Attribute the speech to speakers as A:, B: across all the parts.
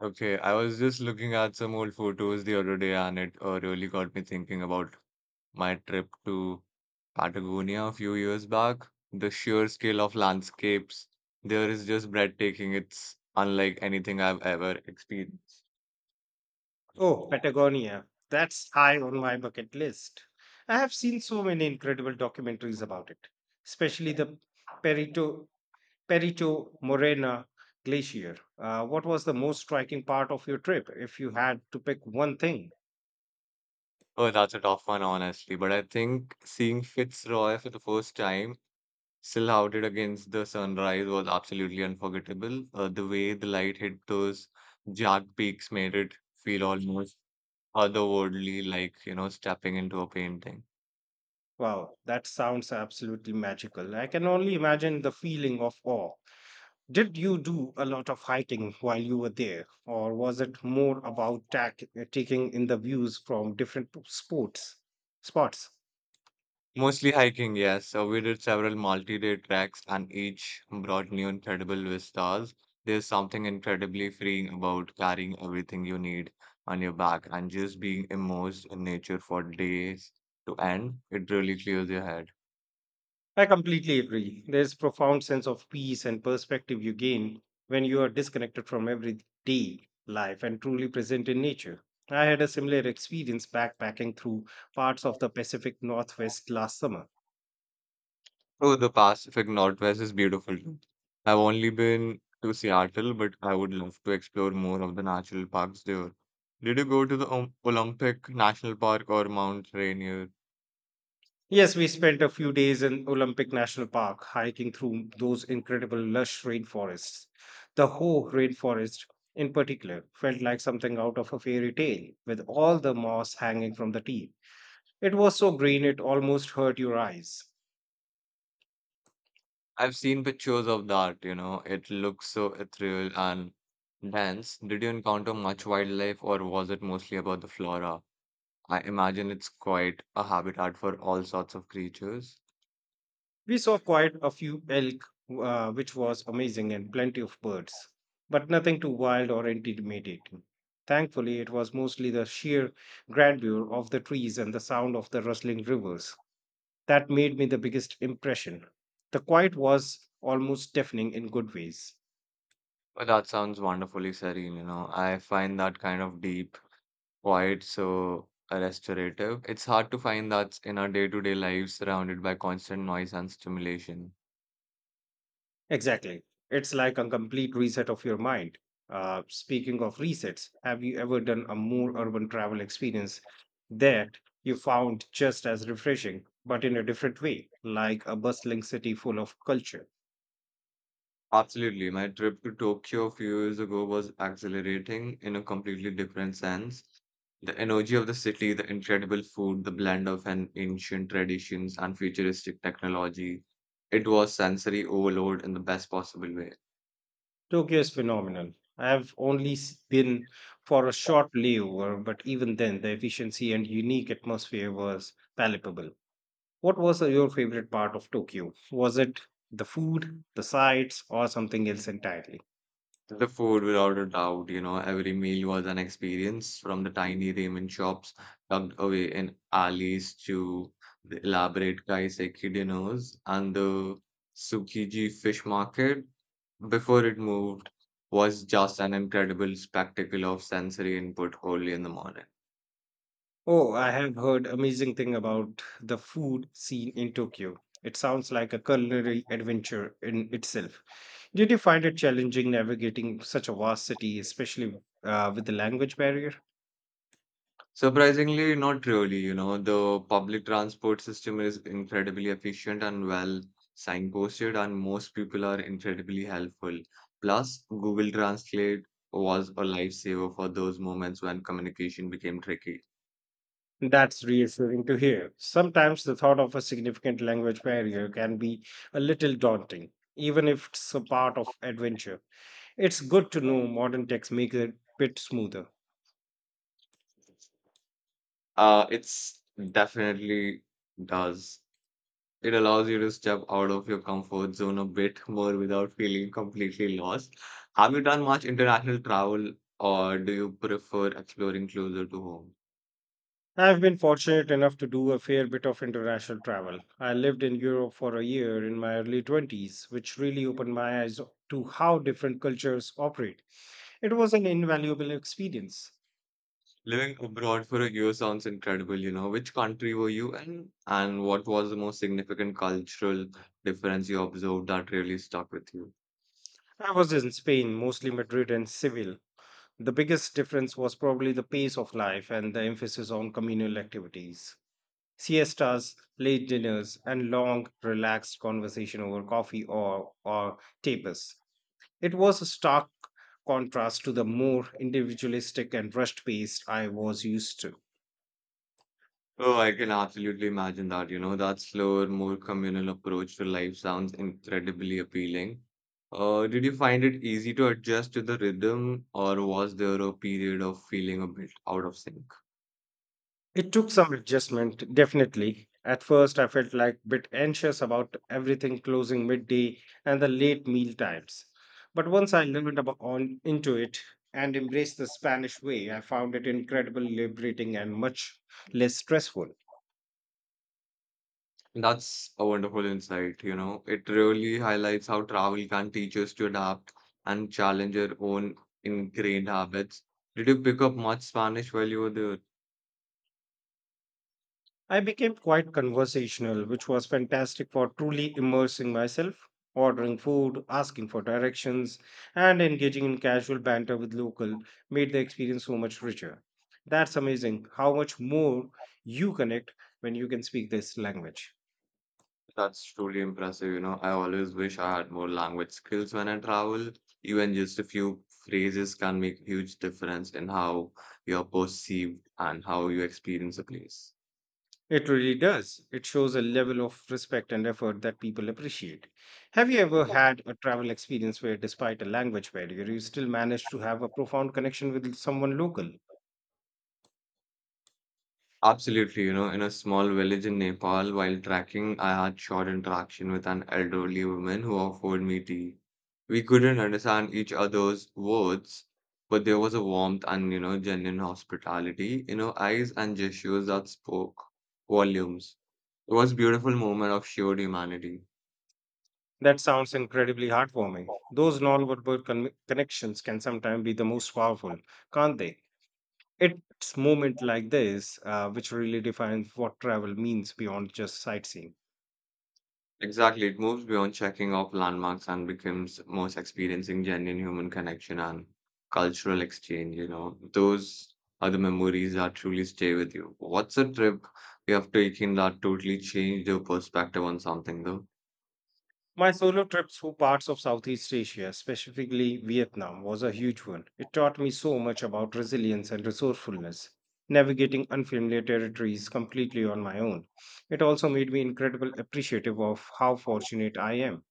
A: Okay, I was just looking at some old photos the other day, and it really got me thinking about my trip to Patagonia a few years back. The sheer scale of landscapes there is just breathtaking. It's unlike anything I've ever experienced.
B: Oh, Patagonia. That's high on my bucket list. I have seen so many incredible documentaries about it, especially the Perito, Perito Morena Glacier. What was the most striking part of your trip, if you had to pick one thing?
A: Oh, that's a tough one, honestly. But I think seeing Fitzroy for the first time, still outed against the sunrise, was absolutely unforgettable. The way the light hit those jagged peaks made it feel almost otherworldly, like, you know, stepping into a painting.
B: Wow, that sounds absolutely magical. I can only imagine the feeling of awe. Did you do a lot of hiking while you were there, or was it more about taking in the views from different p- sports spots?
A: Mostly hiking, yes. So we did several multi-day treks and each brought new incredible vistas. There's something incredibly freeing about carrying everything you need on your back and just being immersed in nature for days to end. It really clears your head.
B: I completely agree. There's profound sense of peace and perspective you gain when you are disconnected from everyday life and truly present in nature. I had a similar experience backpacking through parts of the Pacific Northwest last summer.
A: Oh, the Pacific Northwest is beautiful too. I've only been to Seattle, but I would love to explore more of the national parks there. Did you go to the Olympic National Park or Mount Rainier?
B: Yes, we spent a few days in Olympic National Park hiking through those incredible lush rainforests. The Ho rainforest in particular felt like something out of a fairy tale with all the moss hanging from the tree. It was so green it almost hurt your eyes.
A: I've seen pictures of that, you know, it looks so ethereal and dense. Did you encounter much wildlife or was it mostly about the flora? I imagine it's quite a habitat for all sorts of creatures.
B: We saw quite a few elk, which was amazing, and plenty of birds, but nothing too wild or intimidating. Thankfully, it was mostly the sheer grandeur of the trees and the sound of the rustling rivers that made me the biggest impression. The quiet was almost deafening in good ways.
A: But that sounds wonderfully serene, you know. I find that kind of deep quite so restorative. It's hard to find that in our day-to-day lives surrounded by constant noise and stimulation.
B: Exactly. It's like a complete reset of your mind. Speaking of resets, have you ever done a more urban travel experience that you found just as refreshing, but in a different way, like a bustling city full of culture?
A: Absolutely. My trip to Tokyo a few years ago was exhilarating in a completely different sense. The energy of the city, the incredible food, the blend of an ancient traditions and futuristic technology. It was sensory overload in the best possible way.
B: Tokyo is phenomenal. I have only been for a short layover, but even then, the efficiency and unique atmosphere was palpable. What was your favorite part of Tokyo? Was it the food, the sights, or something else entirely?
A: The food, without a doubt, you know, every meal was an experience from the tiny ramen shops tucked away in alleys to the elaborate kaiseki dinners and the Tsukiji fish market before it moved was just an incredible spectacle of sensory input early in the morning.
B: Oh, I have heard amazing thing about the food scene in Tokyo. It sounds like a culinary adventure in itself. Did you find it challenging navigating such a vast city, especially with the language barrier?
A: Surprisingly, not really. You know, the public transport system is incredibly efficient and well signposted, and most people are incredibly helpful. Plus, Google Translate was a lifesaver for those moments when communication became tricky.
B: That's reassuring to hear. Sometimes the thought of a significant language barrier can be a little daunting, even if it's a part of adventure. It's good to know modern techs make it a bit smoother.
A: It's definitely does. It allows you to step out of your comfort zone a bit more without feeling completely lost. Have you done much international travel, or do you prefer exploring closer to home?
B: I've been fortunate enough to do a fair bit of international travel. I lived in Europe for a year in my early 20s, which really opened my eyes to how different cultures operate. It was an invaluable experience.
A: Living abroad for a year sounds incredible, you know. Which country were you in, and what was the most significant cultural difference you observed that really stuck with you?
B: I was in Spain, mostly Madrid and Seville. The biggest difference was probably the pace of life and the emphasis on communal activities. Siestas, late dinners, and long, relaxed conversation over coffee or tapas. It was a stark contrast to the more individualistic and rushed pace I was used to.
A: Oh, I can absolutely imagine that, you know. That slower, more communal approach to life sounds incredibly appealing. Did you find it easy to adjust to the rhythm, or was there a period of feeling a bit out of sync?
B: It took some adjustment, definitely. At first, I felt like a bit anxious about everything closing midday and the late meal times. But once I learned about on into it and embraced the Spanish way, I found it incredibly liberating and much less stressful.
A: That's a wonderful insight, you know. It really highlights how travel can teach us to adapt and challenge our own ingrained habits. Did you pick up much Spanish while you were there?
B: I became quite conversational, which was fantastic for truly immersing myself, ordering food, asking for directions, and engaging in casual banter with local made the experience so much richer. That's amazing how much more you connect when you can speak this language.
A: That's truly impressive, you know. I always wish I had more language skills when I travel. Even just a few phrases can make huge difference in how you're perceived and how you experience a place.
B: It really does. It shows a level of respect and effort that people appreciate. Have you ever had a travel experience where, despite a language barrier, you still managed to have a profound connection with someone local?
A: Absolutely, you know, in a small village in Nepal, while trekking, I had short interaction with an elderly woman who offered me tea. We couldn't understand each other's words, but there was a warmth and, you know, genuine hospitality in her eyes and gestures that spoke volumes. It was a beautiful moment of shared humanity.
B: That sounds incredibly heartwarming. Those non-verbal connections can sometimes be the most powerful, can't they? It's moment like this which really defines what travel means beyond just sightseeing.
A: Exactly. It moves beyond checking off landmarks and becomes most experiencing genuine human connection and cultural exchange, you know. Those are the memories that truly stay with you. What's a trip you have taken that totally changed your perspective on something though?
B: My solo trip through parts of Southeast Asia, specifically Vietnam, was a huge one. It taught me so much about resilience and resourcefulness, navigating unfamiliar territories completely on my own. It also made me incredibly appreciative of how fortunate I am.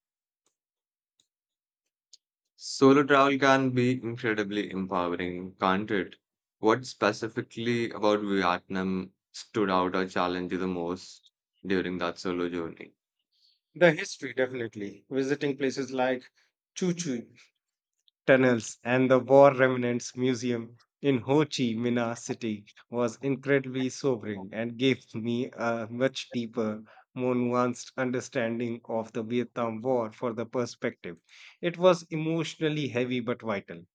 A: Solo travel can be incredibly empowering, can't it? What specifically about Vietnam stood out or challenged you the most during that solo journey?
B: The history, definitely. Visiting places like Chu Tunnels and the War Remnants Museum in Ho Chi Minh City was incredibly sobering and gave me a much deeper, more nuanced understanding of the Vietnam War for the perspective. It was emotionally heavy but vital.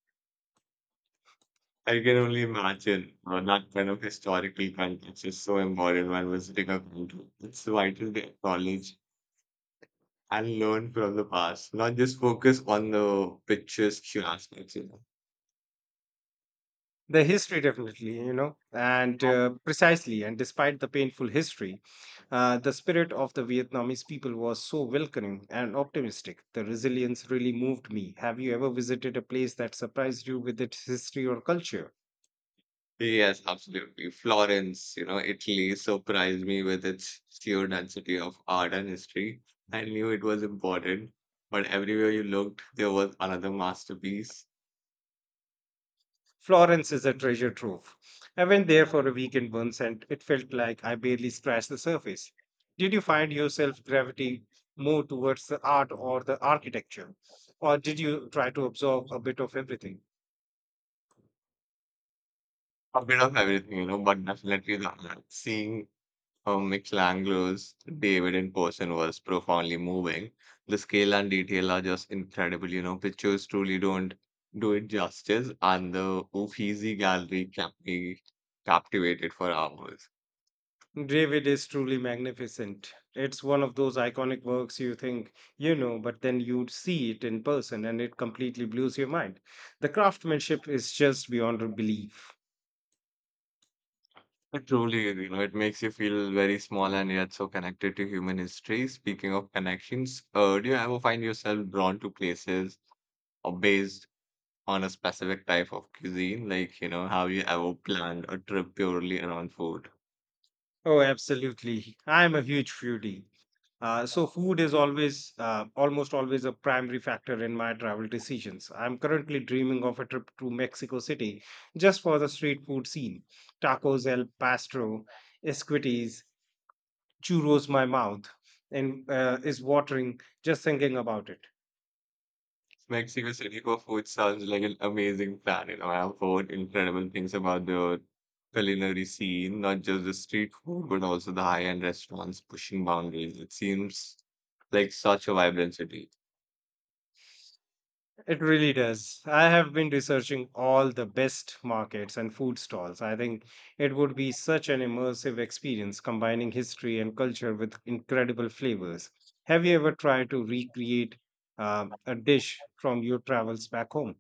A: I can only imagine that kind of historical context is so important when visiting a country. It's vital to acknowledge and learn from the past, not just focus on the picturesque aspects, you know.
B: The history, definitely, you know, and precisely, and despite the painful history, the spirit of the Vietnamese people was so welcoming and optimistic. The resilience really moved me. Have you ever visited a place that surprised you with its history or culture?
A: Yes, absolutely. Florence, you know, Italy surprised me with its sheer density of art and history. I knew it was important, but everywhere you looked, there was another masterpiece.
B: Florence is a treasure trove. I went there for a weekend once and it felt like I barely scratched the surface. Did you find yourself gravitating more towards the art or the architecture? Or did you try to absorb a bit of everything?
A: A bit of everything, you know, but definitely the art. Seeing How Michelangelo's David in person was profoundly moving. The scale and detail are just incredible. You know, pictures truly don't do it justice, and the Uffizi gallery kept me captivated for hours.
B: David is truly magnificent. It's one of those iconic works you think you know, but then you see it in person and it completely blows your mind. The craftsmanship is just beyond belief.
A: It truly is, you know, it makes you feel very small and yet so connected to human history. Speaking of connections, do you ever find yourself drawn to places or based on a specific type of cuisine? Like, you know, have you ever planned a trip purely around food?
B: Oh, absolutely. I'm a huge foodie. So food is always, almost always a primary factor in my travel decisions. I'm currently dreaming of a trip to Mexico City just for the street food scene. Tacos El Pastor, esquites, churros my mouth and is watering just thinking about it.
A: Mexico City for food sounds like an amazing plan. You know, I've heard incredible things about the culinary scene, not just the street food, but also the high-end restaurants pushing boundaries. It seems like such a vibrant city.
B: It really does. I have been researching all the best markets and food stalls. I think it would be such an immersive experience combining history and culture with incredible flavors. Have you ever tried to recreate a dish from your travels back home?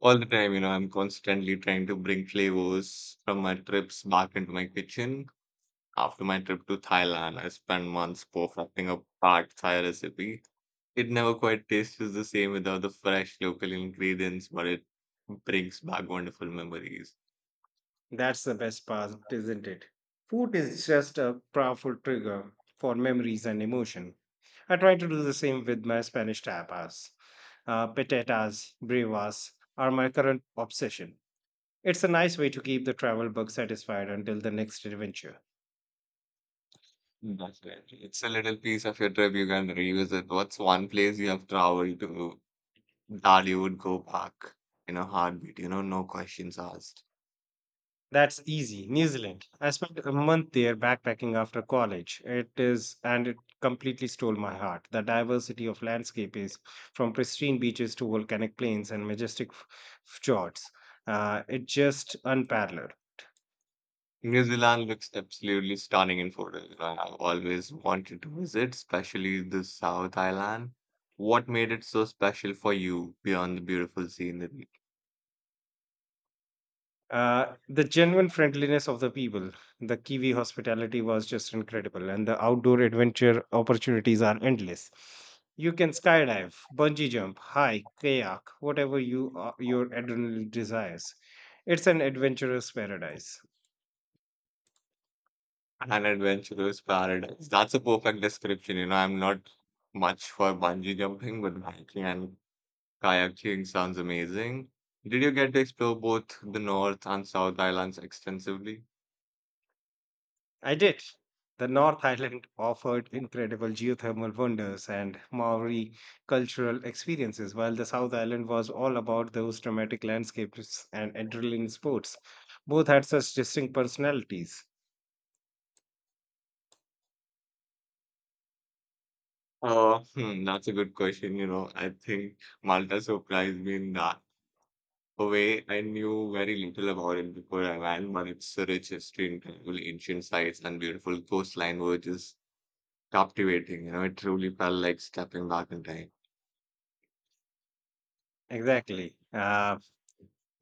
A: All the time, you know, I'm constantly trying to bring flavors from my trips back into my kitchen. After my trip to Thailand, I spent months perfecting a pad Thai recipe. It never quite tastes the same without the fresh local ingredients, but it brings back wonderful memories.
B: That's the best part, isn't it? Food is just a powerful trigger for memories and emotion. I try to do the same with my Spanish tapas. Patatas, brevas are my current obsession. It's a nice way to keep the travel bug satisfied until the next adventure.
A: Definitely. It's a little piece of your trip you can revisit. What's one place you have traveled to that you would go back in a heartbeat? You know, no questions asked.
B: That's easy. New Zealand. I spent a month there backpacking after college. It is, and it completely stole my heart. The diversity of landscape is from pristine beaches to volcanic plains and majestic fjords. It just unparalleled.
A: New Zealand looks absolutely stunning in photos. You know, I've always wanted to visit, especially the South Island. What made it so special for you beyond the beautiful scenery?
B: The genuine friendliness of the people, the Kiwi hospitality was just incredible, and the outdoor adventure opportunities are endless. You can skydive, bungee jump, hike, kayak, whatever you your adrenaline desires. It's an adventurous paradise.
A: An adventurous paradise. That's a perfect description. You know, I'm not much for bungee jumping, but hiking and kayaking sounds amazing. Did you get to explore both the North and South Islands extensively?
B: I did. The North Island offered incredible geothermal wonders and Maori cultural experiences, while the South Island was all about those dramatic landscapes and adrenaline sports. Both had such distinct personalities.
A: That's a good question. You know, I think Malta surprised me in that a way I knew very little about it before I went, but its a rich history, incredible ancient sites, and beautiful coastline were just captivating. You know, it truly felt like stepping back in time.
B: Exactly. Uh,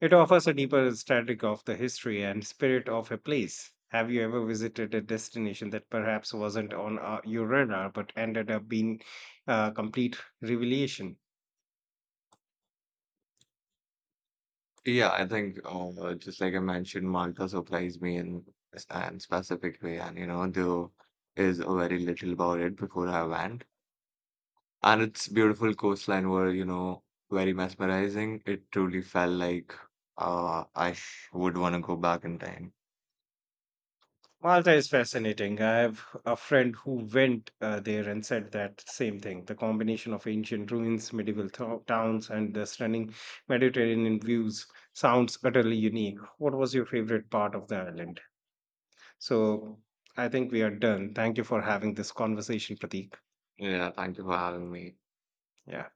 B: it offers a deeper static of the history and spirit of a place. Have you ever visited a destination that perhaps wasn't on your radar but ended up being a complete revelation?
A: Yeah, I think just like I mentioned, Malta surprised me in a specific way, and you know there is a very little about it before I went, and its beautiful coastline were you know very mesmerizing. It truly felt like I sh would want to go back in time.
B: Malta is fascinating. I have a friend who went there and said that same thing. The combination of ancient ruins, medieval towns, and the stunning Mediterranean views sounds utterly unique. What was your favorite part of the island? So I think we are done. Thank you for having this conversation, Pratik.
A: Yeah, thank you for having me.
B: Yeah.